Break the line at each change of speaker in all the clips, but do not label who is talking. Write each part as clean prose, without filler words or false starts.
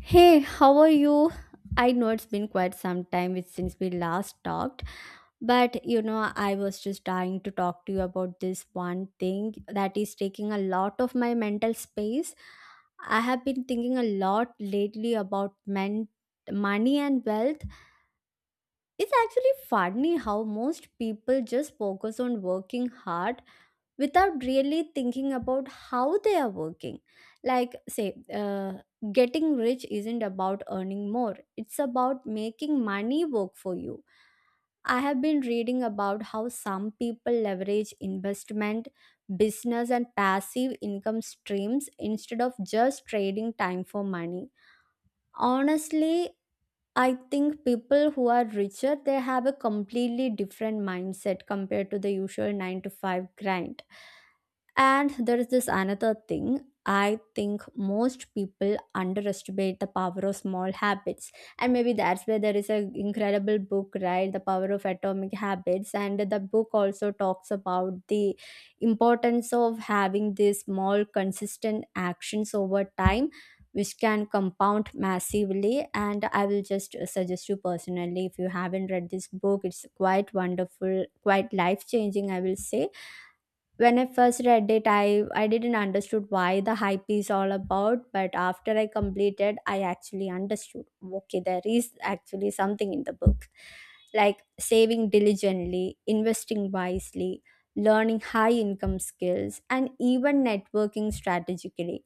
Hey, how are you? I know it's been quite some time with- since we last talked, but I was just dying to talk to you about this one thing that is taking a lot of my mental space. I have been thinking a lot lately about men, money and wealth. It's actually funny how most people just focus on working hard without really thinking about how they are working. Like, say, getting rich isn't about earning more, it's about making money work for you. I have been reading about how some people leverage investment, business, and passive income streams instead of just trading time for money. Honestly, I think people who are richer they have a completely different mindset compared to the usual 9 to 5 grind. And there is this another thing. I think most people underestimate the power of small habits. And maybe that's where there is an incredible book, right? The Power of Atomic Habits. And the book also talks about the importance of having these small, consistent actions over time, which can compound massively. And I will just suggest you personally, if you haven't read this book, it's quite wonderful, quite life changing, I will say when I first read it, I didn't understood why the hype is all about, but after I completed, I actually understood. Okay, there is actually something in the book, like saving diligently, investing wisely, learning high income skills, and even networking strategically.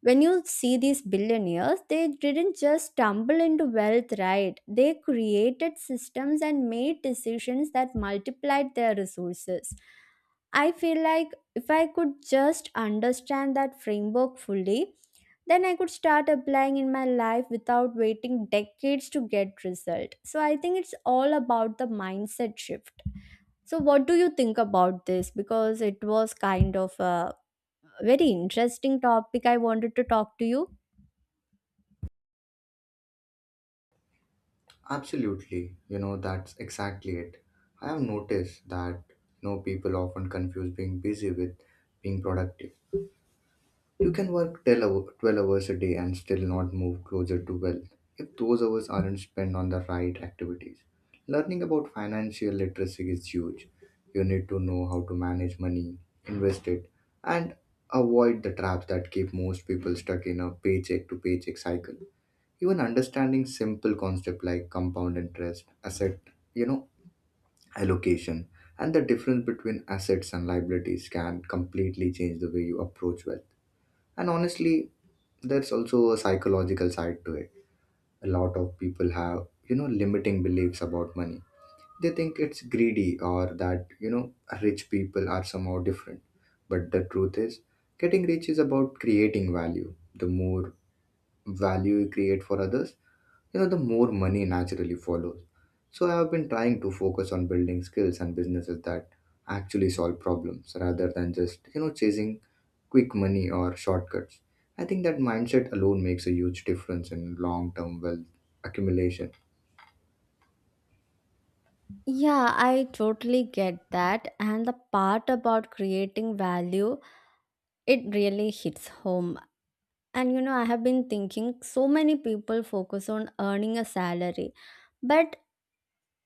When you see these billionaires, they didn't just stumble into wealth, right? They created systems and made decisions that multiplied their resources. I feel like if I could just understand that framework fully, then I could start applying in my life without waiting decades to get result. So I think it's all about the mindset shift. So what do you think about this? Because it was kind of a very interesting topic I wanted to talk to you.
Absolutely, that's exactly it. I have noticed that, people often confuse being busy with being productive. You can work 12 hours a day and still not move closer to wealth if those hours aren't spent on the right activities. Learning about financial literacy is huge. You need to know how to manage money, invest it, and avoid the traps that keep most people stuck in a paycheck to paycheck cycle. Even understanding simple concept like compound interest, asset you know allocation, and the difference between assets and liabilities can completely change the way you approach wealth. And honestly, there's also a psychological side to it. A lot of people have limiting beliefs about money. They think it's greedy, or that rich people are somehow different. But the truth is, getting rich is about creating value. The more value you create for others, the more money naturally follows. So I have been trying to focus on building skills and businesses that actually solve problems rather than just, chasing quick money or shortcuts. I think that mindset alone makes a huge difference in long term wealth accumulation.
Yeah, I totally get that. And the part about creating value, it really hits home. And I have been thinking so many people focus on earning a salary, but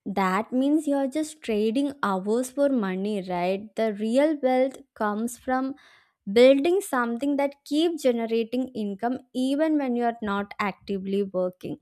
that means you're just trading hours for money, right? The real wealth comes from building something that keeps generating income even when you're not actively working,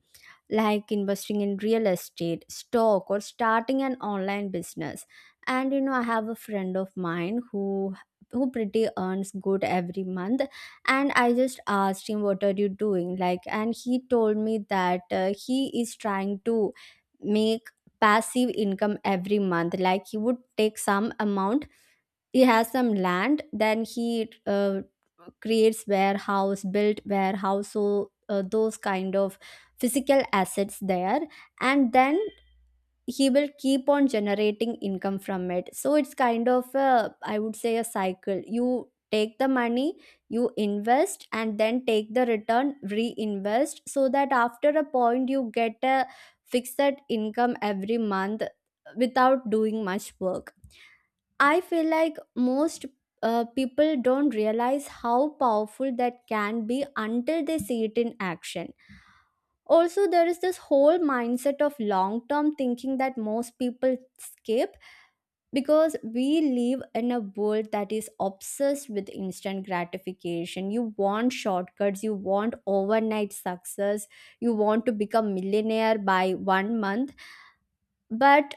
like investing in real estate, stock, or starting an online business. And I have a friend of mine who pretty earns good every month, and I just asked him what are you doing like, and he told me that he is trying to make passive income every month. Like he would take some amount, he has some land, then he creates warehouse built warehouse. So those kind of physical assets there, and then he will keep on generating income from it. So it's kind of a, I would say a cycle. You take the money, you invest and then take the return, reinvest, so that after a point you get a fixed income every month without doing much work. I feel like most people don't realize how powerful that can be until they see it in action. Also, there is this whole mindset of long term thinking that most people skip because we live in a world that is obsessed with instant gratification. You want shortcuts, you want overnight success, you want to become millionaire by one month. But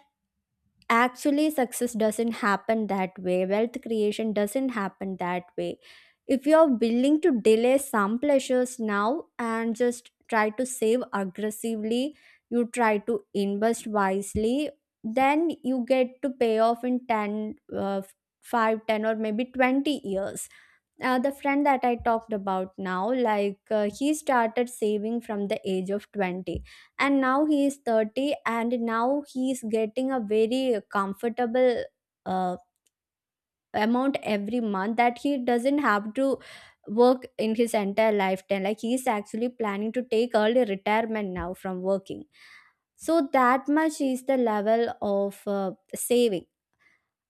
actually success doesn't happen that way, wealth creation doesn't happen that way. If you're willing to delay some pleasures now and just try to save aggressively, you try to invest wisely, then you get to pay off in 10 5 10 or maybe 20 years. The friend that I talked about now, like he started saving from the age of 20, and now he is 30 and now he is getting a very comfortable uh, amount every month that he doesn't have to work in his entire lifetime. Like he is actually planning to take early retirement now from working. So that much is the level of saving.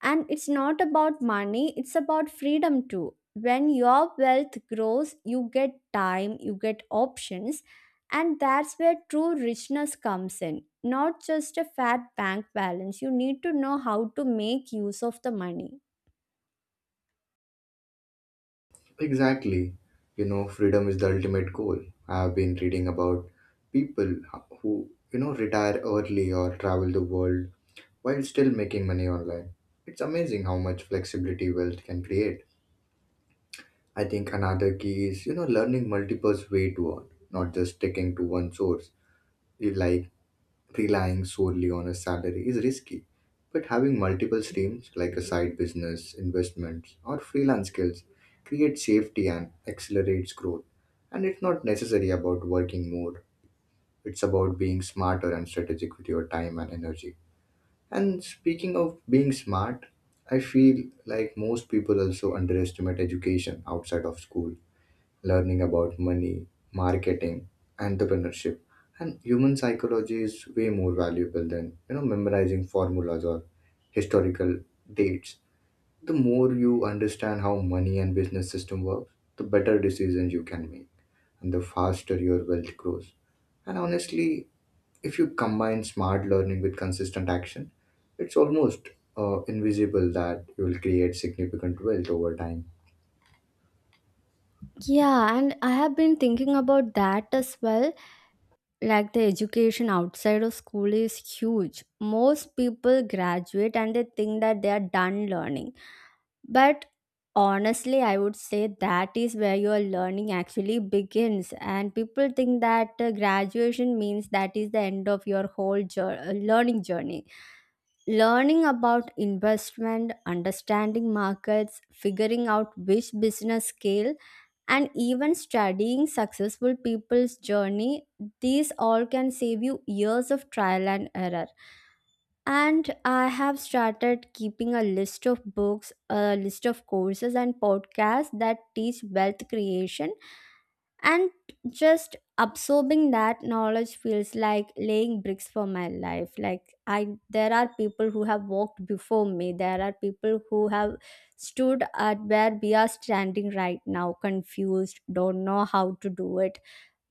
And it's not about money, it's about freedom too. When your wealth grows, you get time, you get options, and that's where true richness comes in. Not just a fat bank balance. You need to know how to make use of the money.
Exactly. Freedom is the ultimate goal. I've been reading about people who, retire early or travel the world while still making money online. It's amazing how much flexibility wealth can create. I think another key is, learning multiple way to earn, not just sticking to one source. You. Relying solely on a salary is risky, but having multiple streams like a side business, investments, or freelance skills creates safety and accelerates growth. And it's not necessarily about working more, it's about being smarter and strategic with your time and energy. And speaking of being smart, I feel like most people also underestimate education outside of school. Learning about money, marketing, entrepreneurship, and human psychology is way more valuable than memorizing formulas or historical dates. The more you understand how money and business system works, the better decisions you can make, and the faster your wealth grows. And honestly, if you combine smart learning with consistent action, it's almost invisible that you will create significant wealth over time.
Yeah, and I have been thinking about that as well. Like the education outside of school is huge. Most people graduate and they think that they are done learning. But honestly, I would say that is where your learning actually begins. And people think that graduation means that is the end of your whole learning journey. Learning about investment, understanding markets, figuring out which business scale, and even studying successful people's journey, these all can save you years of trial and error. And I have started keeping a list of books, a list of courses, and podcasts that teach wealth creation. And just absorbing that knowledge feels like laying bricks for my life. Like there are people who have walked before me. There are people who have stood at where we are standing right now, confused, don't know how to do it.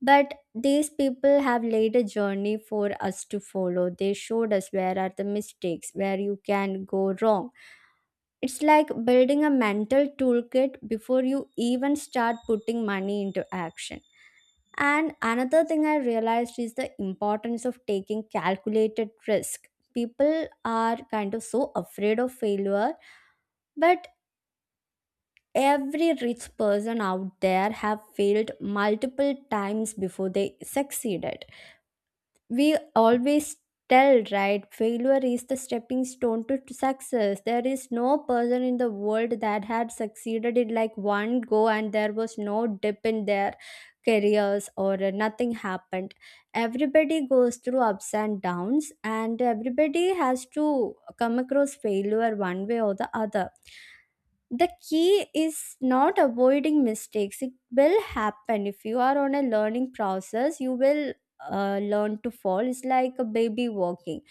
But these people have laid a journey for us to follow. They showed us where are the mistakes, where you can go wrong. It's like building a mental toolkit before you even start putting money into action. And another thing I realized is the importance of taking calculated risk. People are kind of so afraid of failure, but every rich person out there have failed multiple times before they succeeded. We always tell, right, failure is the stepping stone to success. There is no person in the world that had succeeded in like one go and there was no dip in their careers or nothing happened. Everybody goes through ups and downs and everybody has to come across failure one way or the other. The key is not avoiding mistakes, it will happen. If you are on a learning process, you will learn to fall. It's like a baby walking.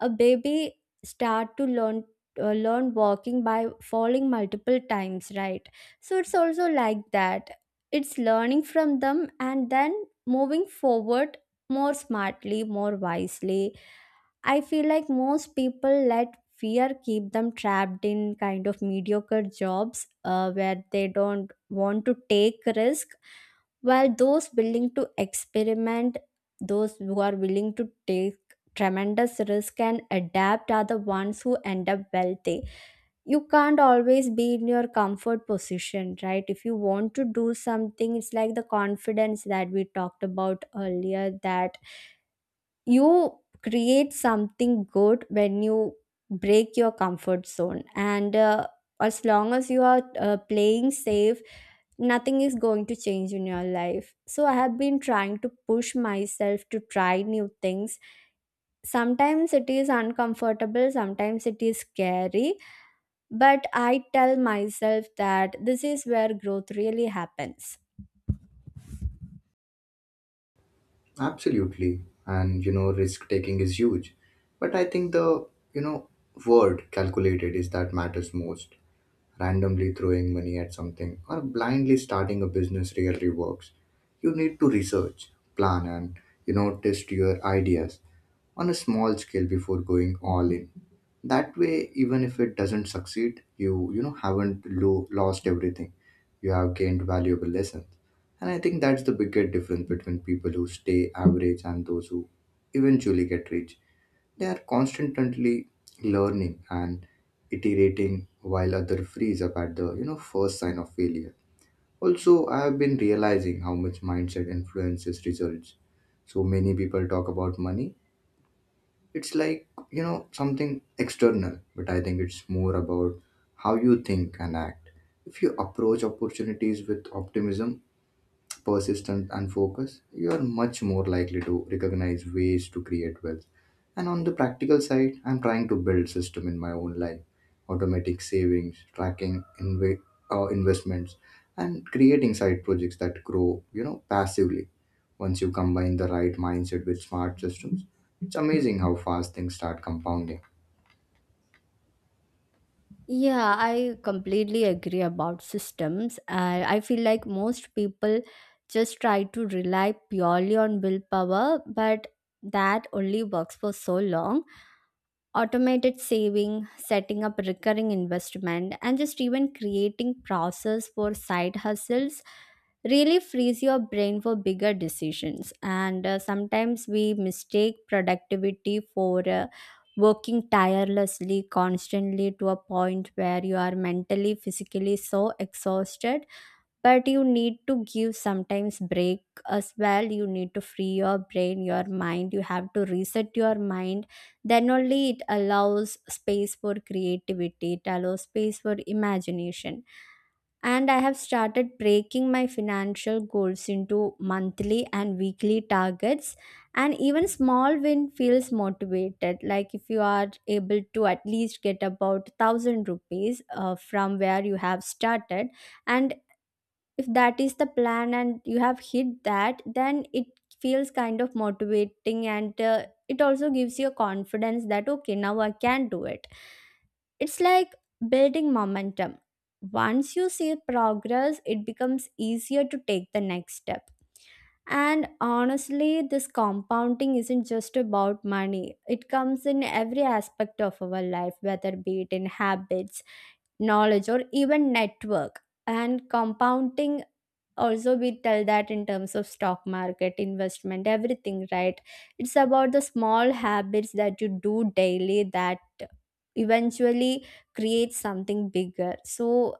A baby start to learn walking by falling multiple times, right? So it's also like that. It's learning from them and then moving forward more smartly, more wisely. I feel like most people let fear keep them trapped in kind of mediocre jobs where they don't want to take risk, while those willing to experiment, those who are willing to take tremendous risk and adapt are the ones who end up wealthy. You can't always be in your comfort position, right? If you want to do something, it's like the confidence that we talked about earlier, that you create something good when you break your comfort zone. And as long as you are playing safe, nothing is going to change in your life. So I have been trying to push myself to try new things. Sometimes it is uncomfortable, sometimes it is scary, but I tell myself that this is where growth really happens.
Absolutely. And risk taking is huge. But I think the, you know, word calculated is that matters most. Randomly throwing money at something or blindly starting a business rarely works. You need to research, plan, and, test your ideas on a small scale before going all in. That way, even if it doesn't succeed, you know haven't lost everything. You have gained valuable lessons, and I think that's the bigger difference between people who stay average and those who eventually get rich. They are constantly learning and iterating, while other freeze up at the first sign of failure. Also, I have been realizing how much mindset influences results. So many people talk about money, it's like something external. But I think it's more about how you think and act. If you approach opportunities with optimism, persistence, and focus, you are much more likely to recognize ways to create wealth. And on the practical side, I'm trying to build system in my own life, automatic savings, tracking investments, and creating side projects that grow, passively. Once you combine the right mindset with smart systems, it's amazing how fast things start compounding.
Yeah, I completely agree about systems. I feel like most people just try to rely purely on willpower, but that only works for so long. Automated saving, setting up recurring investment, and just even creating process for side hustles really frees your brain for bigger decisions. And sometimes we mistake productivity for working tirelessly, constantly, to a point where you are mentally, physically so exhausted. But you need to give sometimes break as well, you need to free your brain, your mind. You have to reset your mind, then only it allows space for creativity, it allows space for imagination. And I have started breaking my financial goals into monthly and weekly targets. And even small win feels motivated. Like if you are able to at least get about 1,000 rupees from where you have started, and if that is the plan and you have hit that, then it feels kind of motivating. And it also gives you a confidence that okay now I can do it. It's like building momentum. Once you see progress, it becomes easier to take the next step. And honestly, this compounding isn't just about money, it comes in every aspect of our life, whether be it in habits, knowledge or even network. And compounding, also we tell that in terms of stock market investment, everything, right? It's about the small habits that you do daily that eventually create something bigger. So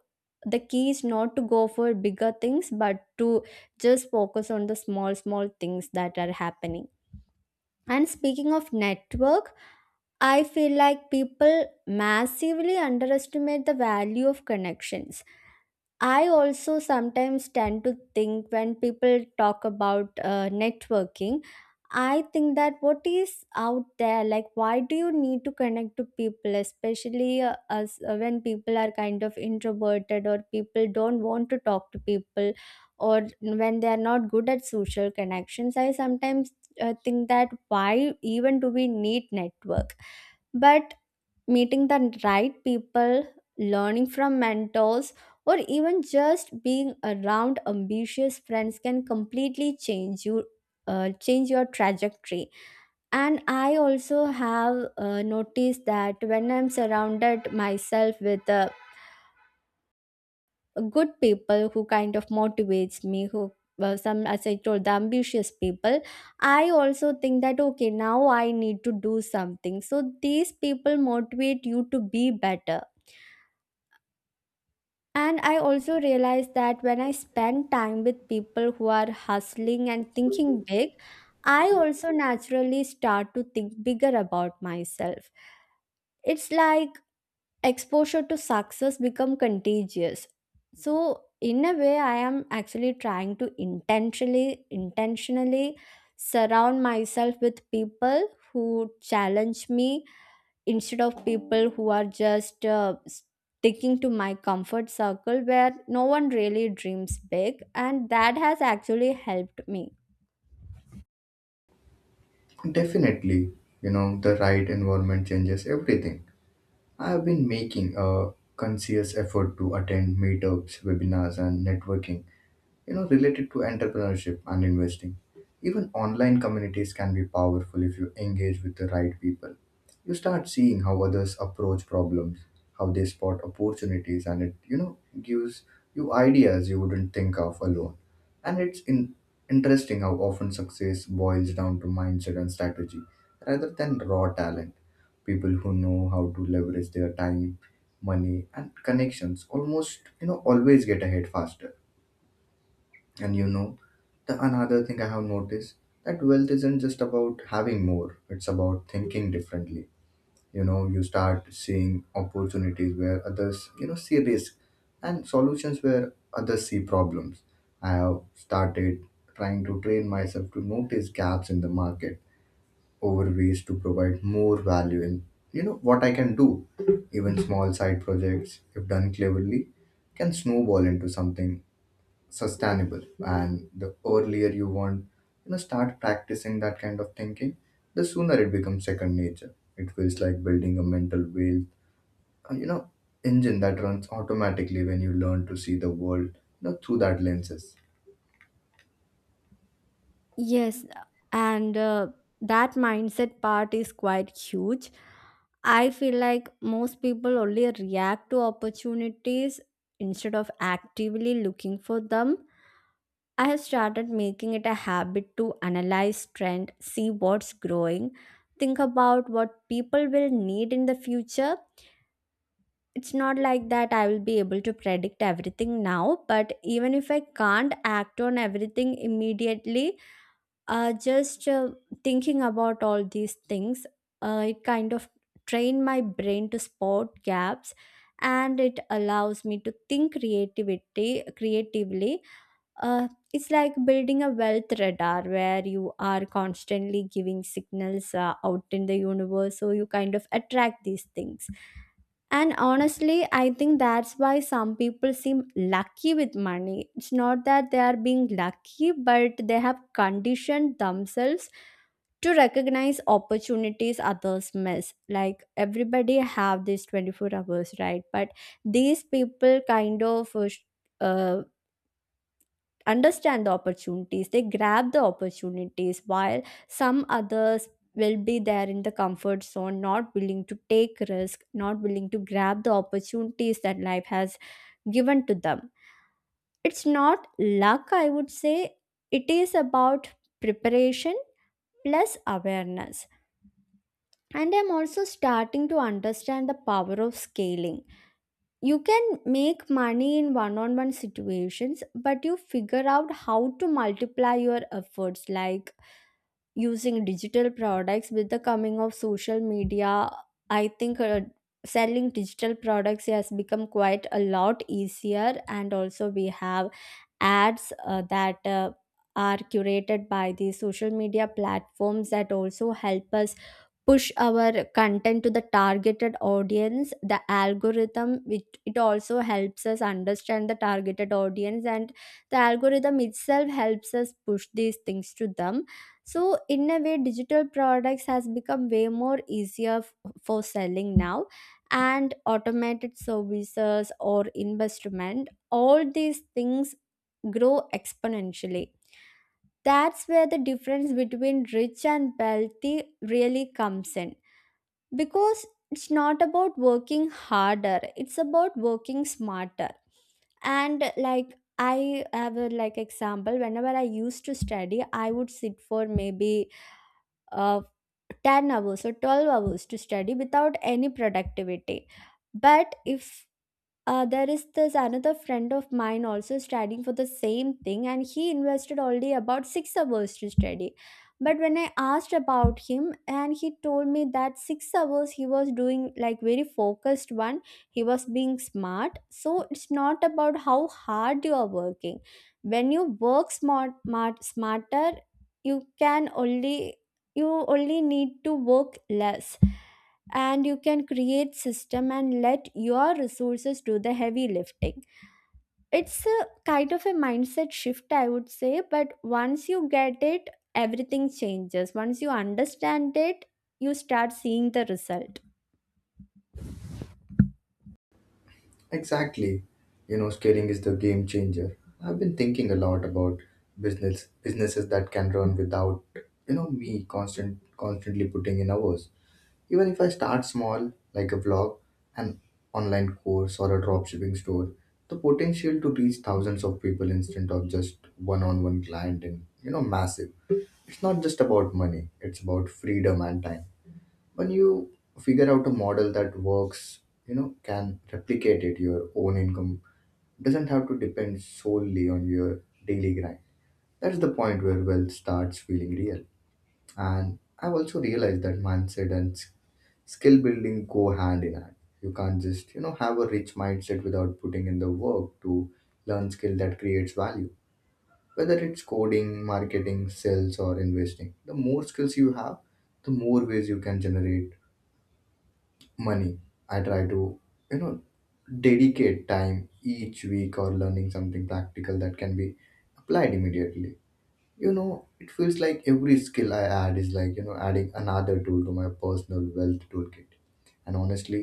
the key is not to go for bigger things but to just focus on the small small things that are happening. And speaking of network, I feel like people massively underestimate the value of connections. I also sometimes tend to think when people talk about networking, I think that what is out there, like why do you need to connect to people, especially as when people are kind of introverted or people don't want to talk to people, or when they are not good at social connections. I sometimes think that why even do we need network? But meeting the right people, learning from mentors, or even just being around ambitious friends can completely change you. Change your trajectory. And I also have noticed that when I'm surrounded myself with good people who kind of motivates me, who some, as I told, the ambitious people, I also think that okay, now I need to do something, so these people motivate you to be better. And I also realize that when I spend time with people who are hustling and thinking big, I also naturally start to think bigger about myself. It's like exposure to success become contagious. So in a way I am actually trying to intentionally surround myself with people who challenge me instead of people who are just sticking to my comfort circle where no one really dreams big, and that has actually helped me.
Definitely, the right environment changes everything. I have been making a conscious effort to attend meetups, webinars, and networking related to entrepreneurship and investing. Even online communities can be powerful if you engage with the right people. You start seeing how others approach problems, how they spot opportunities, and it gives you ideas you wouldn't think of alone. And it's interesting how often success boils down to mindset and strategy rather than raw talent. People who know how to leverage their time, money, and connections almost always get ahead faster. And the another thing I have noticed that wealth isn't just about having more, it's about thinking differently. You start seeing opportunities where others, see risk, and solutions where others see problems. I have started trying to train myself to notice gaps in the market over ways to provide more value in, what I can do. Even small side projects, if done cleverly, can snowball into something sustainable. And the earlier you want start practicing that kind of thinking, the sooner it becomes second nature. It feels like building a mental wheel uh, you know engine that runs automatically when you learn to see the world through that lenses.
Yes, and that mindset part is quite huge. I feel like most people only react to opportunities instead of actively looking for them. I have started making it a habit to analyze trend, see what's growing, think about what people will need in the future. It's not like that I will be able to predict everything now, but even if I can't act on everything immediately, just thinking about all these things, it kind of train my brain to spot gaps and it allows me to think creativity creatively. uh, it's like building a wealth radar where you are constantly giving signals out in the universe, so you kind of attract these things. And honestly, I think that's why some people seem lucky with money. It's not that they are being lucky, but they have conditioned themselves to recognize opportunities others miss. Like everybody have these 24 hours, right? But these people kind of uh, understand the opportunities, they grab the opportunities, while some others will be there in the comfort zone, not willing to take risk, not willing to grab the opportunities that life has given to them. It's not luck, I would say. It is about preparation plus awareness. And I'm also starting to understand the power of scaling. You can make money in one-on-one situations, but you figure out how to multiply your efforts, like using digital products. With the coming of social media, I think selling digital products has become quite a lot easier, and also we have ads that are curated by the social media platforms that also help us push our content to the targeted audience. The algorithm, which it also helps us understand the targeted audience, and the algorithm itself helps us push these things to them. So in a way, digital products has become way more easier for selling now. And automated services or investment, all these things grow exponentially. That's where the difference between rich and wealthy really comes in, because it's not about working harder, it's about working smarter. And like I have a like example, whenever I used to study, I would sit for maybe uh, 10 hours or 12 hours to study without any productivity. But if there is this another friend of mine also studying for the same thing, and he invested already about 6 hours to study. But when I asked about him, and he told me that 6 hours he was doing like very focused one, he was being smart. So it's not about how hard you are working. When you work smart, smarter, you can only you only need to work less, and you can create system and let your resources do the heavy lifting. It's a kind of a mindset shift, I would say, but once you get it, everything changes. Once you understand it, you start seeing the result.
Exactly. Scaling is the game changer. I've been thinking a lot about businesses that can run without me constantly putting in hours. Even if I start small, like a blog, an online course, or a dropshipping store, the potential to reach thousands of people instead of just one-on-one client and massive. It's not just about money; it's about freedom and time. When you figure out a model that works, can replicate it. Your own income doesn't have to depend solely on your daily grind. That's the point where wealth starts feeling real. And I've also realized that mindset and skill building go hand in hand. You can't just have a rich mindset without putting in the work to learn skill that creates value, whether it's coding, marketing, sales, or investing. The more skills you have, the more ways you can generate money. I try to you know dedicate time each week or learning something practical that can be applied immediately. It feels like every skill I add is like adding another tool to my personal wealth toolkit. And honestly,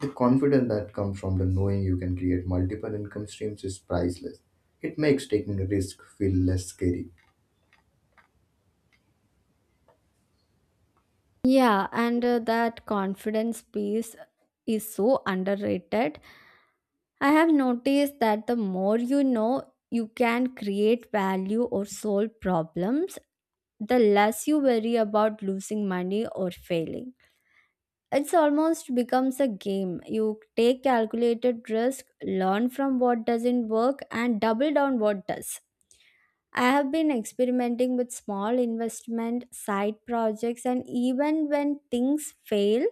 the confidence that comes from the knowing you can create multiple income streams is priceless. It makes taking a risk feel less scary.
Yeah, and that confidence piece is so underrated. I have noticed that the more you know, you can create value or solve problems, the less you worry about losing money or failing. It's almost becomes a game. You take calculated risk, learn from what doesn't work, and double down what does. I have been experimenting with small investment, side projects, and even when things fail,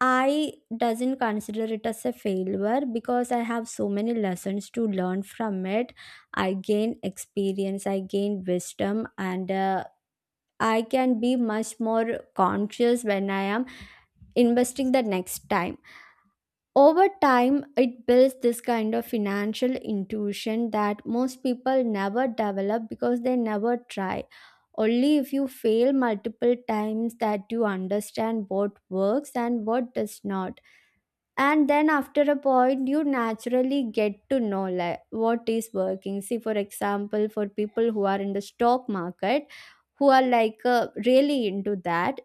I doesn't consider it as a failure because I have so many lessons to learn from it. I gain experience, I gain wisdom, and I can be much more conscious when I am investing the next time. Over time, it builds this kind of financial intuition that most people never develop because they never try. Only if you fail multiple times that you understand what works and what does not. And then after a point, you naturally get to know like what is working. See, for example, for people who are in the stock market, who are like really into that,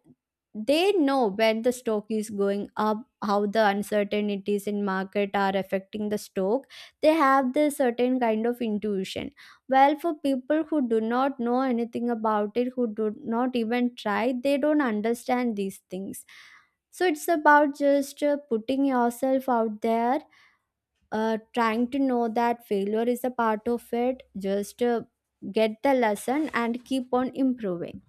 they know when the stock is going up, how the uncertainties in market are affecting the stock. They have this certain kind of intuition. Well, for people who do not know anything about it, who do not even try, they don't understand these things. So it's about just putting yourself out there, trying to know that failure is a part of it, just get the lesson and keep on improving.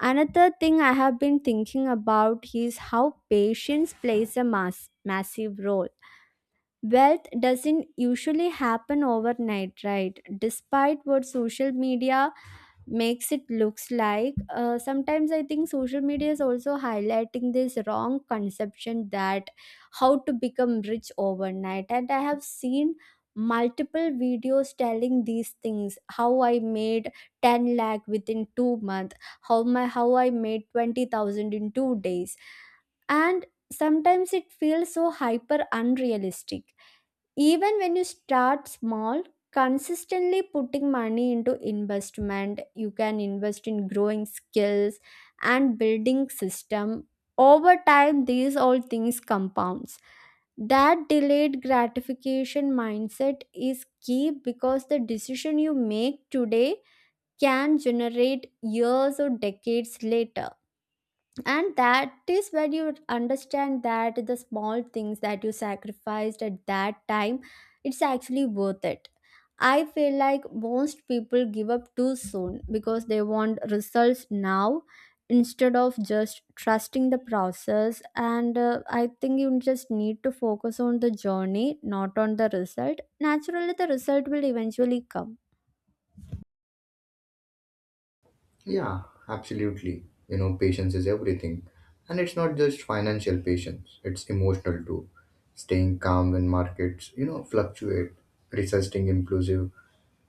Another thing I have been thinking about is how patience plays a massive role. Wealth doesn't usually happen overnight, right? Despite what social media makes it looks like, sometimes I think social media is also highlighting this wrong conception that how to become rich overnight. And I have seen multiple videos telling these things, how I made 10 lakh within 2 months, how I made 20,000 in 2 days. And sometimes it feels so hyper unrealistic. Even when you start small, consistently putting money into investment, you can invest in growing skills and building system. Over time, these all things compounds. That delayed gratification mindset is key because the decision you make today can generate years or decades later, and that is when you understand that the small things that you sacrificed at that time, it's actually worth it. I feel like most people give up too soon because they want results now instead of just trusting the process. And I think you just need to focus on the journey, not on the result. Naturally the result will eventually come.
Yeah, absolutely. Patience is everything. And it's not just financial patience, it's emotional too. Staying calm when markets fluctuate, resisting impulsive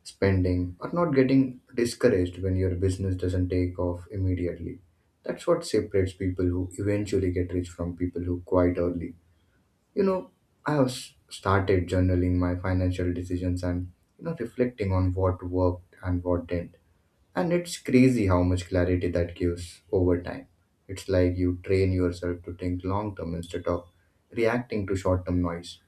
spending, or not getting discouraged when your business doesn't take off immediately. That's what separates people who eventually get rich from people who quite early. You know, I have started journaling my financial decisions and, reflecting on what worked and what didn't. And it's crazy how much clarity that gives over time. It's like you train yourself to think long term instead of reacting to short term noise.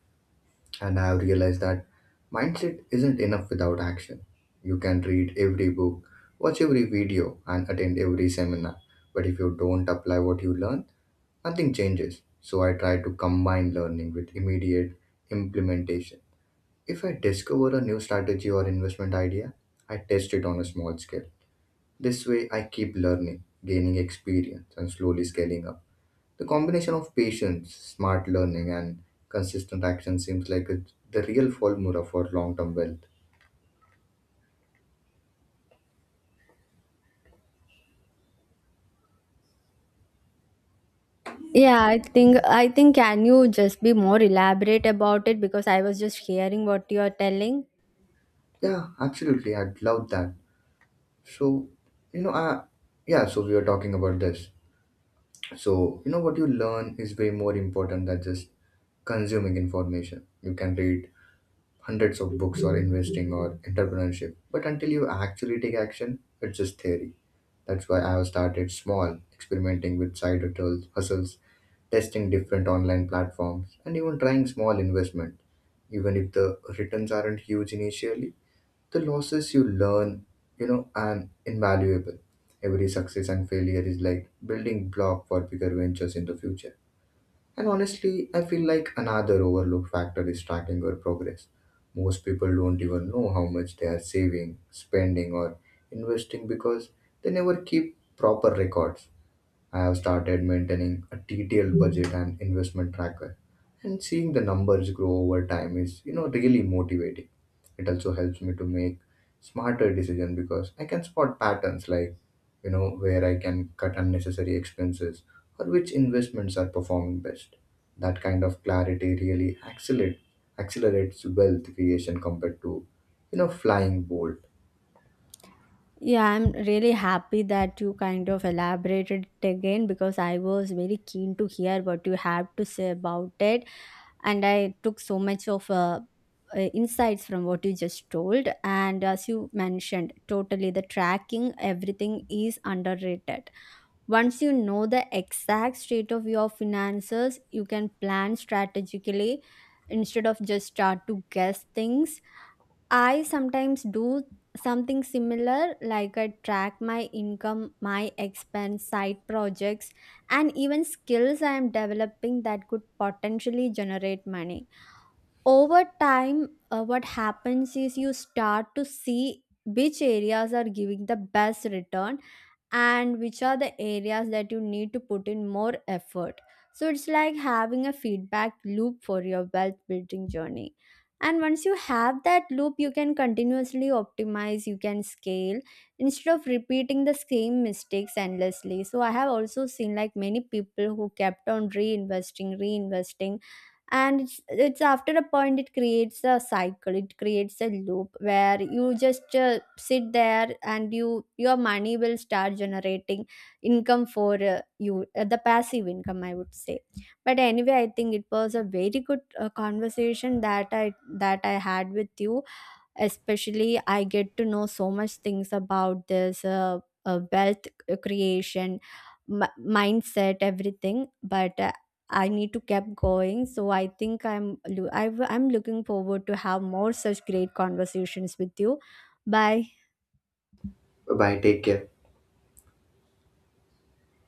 And I have realized that mindset isn't enough without action. You can read every book, watch every video, and attend every seminar. But if you don't apply what you learn, nothing changes. So I try to combine learning with immediate implementation. If I discover a new strategy or investment idea, I test it on a small scale. This way, I keep learning, gaining experience, and slowly scaling up. The combination of patience, smart learning, and consistent action seems like it's the real formula for long term wealth.
Yeah, I think can you just be more elaborate about it, because I was just hearing what you are telling.
Yeah, absolutely. I'd love that. So, you know, uh, yeah, so we were talking about this. So, what you learn is way more important than just consuming information. You can read hundreds of books or investing or entrepreneurship. But until you actually take action, it's just theory. That's why I have started small, experimenting with side hustles, testing different online platforms, and even trying small investment. Even if the returns aren't huge initially, the losses you learn, are invaluable. Every success and failure is like building block for bigger ventures in the future. And honestly, I feel like another overlooked factor is tracking your progress. Most people don't even know how much they are saving, spending, or investing because they never keep proper records. I have started maintaining a detailed budget and investment tracker, and seeing the numbers grow over time is, really motivating. It also helps me to make smarter decisions because I can spot patterns like, where I can cut unnecessary expenses or which investments are performing best. That kind of clarity really accelerates wealth creation compared to, flying bold.
Yeah, I'm really happy that you kind of elaborated it again because I was very keen to hear what you have to say about it, and I took so much of insights from what you just told. And as you mentioned, totally, the tracking everything is underrated. Once you know the exact state of your finances, you can plan strategically instead of just start to guess things. I sometimes do something similar, like I track my income, my expense, side projects, and even skills I am developing that could potentially generate money. Over time, what happens is you start to see which areas are giving the best return and which are the areas that you need to put in more effort. So it's like having a feedback loop for your wealth building journey. And once you have that loop, you can continuously optimize, you can scale instead of repeating the same mistakes endlessly. So I have also seen like many people who kept on reinvesting, reinvesting, and it's after a point it creates a cycle, it creates a loop where you just sit there and your money will start generating income for you, the passive income, I would say. But anyway, I think it was a very good conversation that I had with you. Especially I get to know so much things about this wealth creation mindset, everything. But I need to keep going, so I think I'm lo- I w- I'm looking forward to have more such great conversations with you. Bye.
Bye, take care.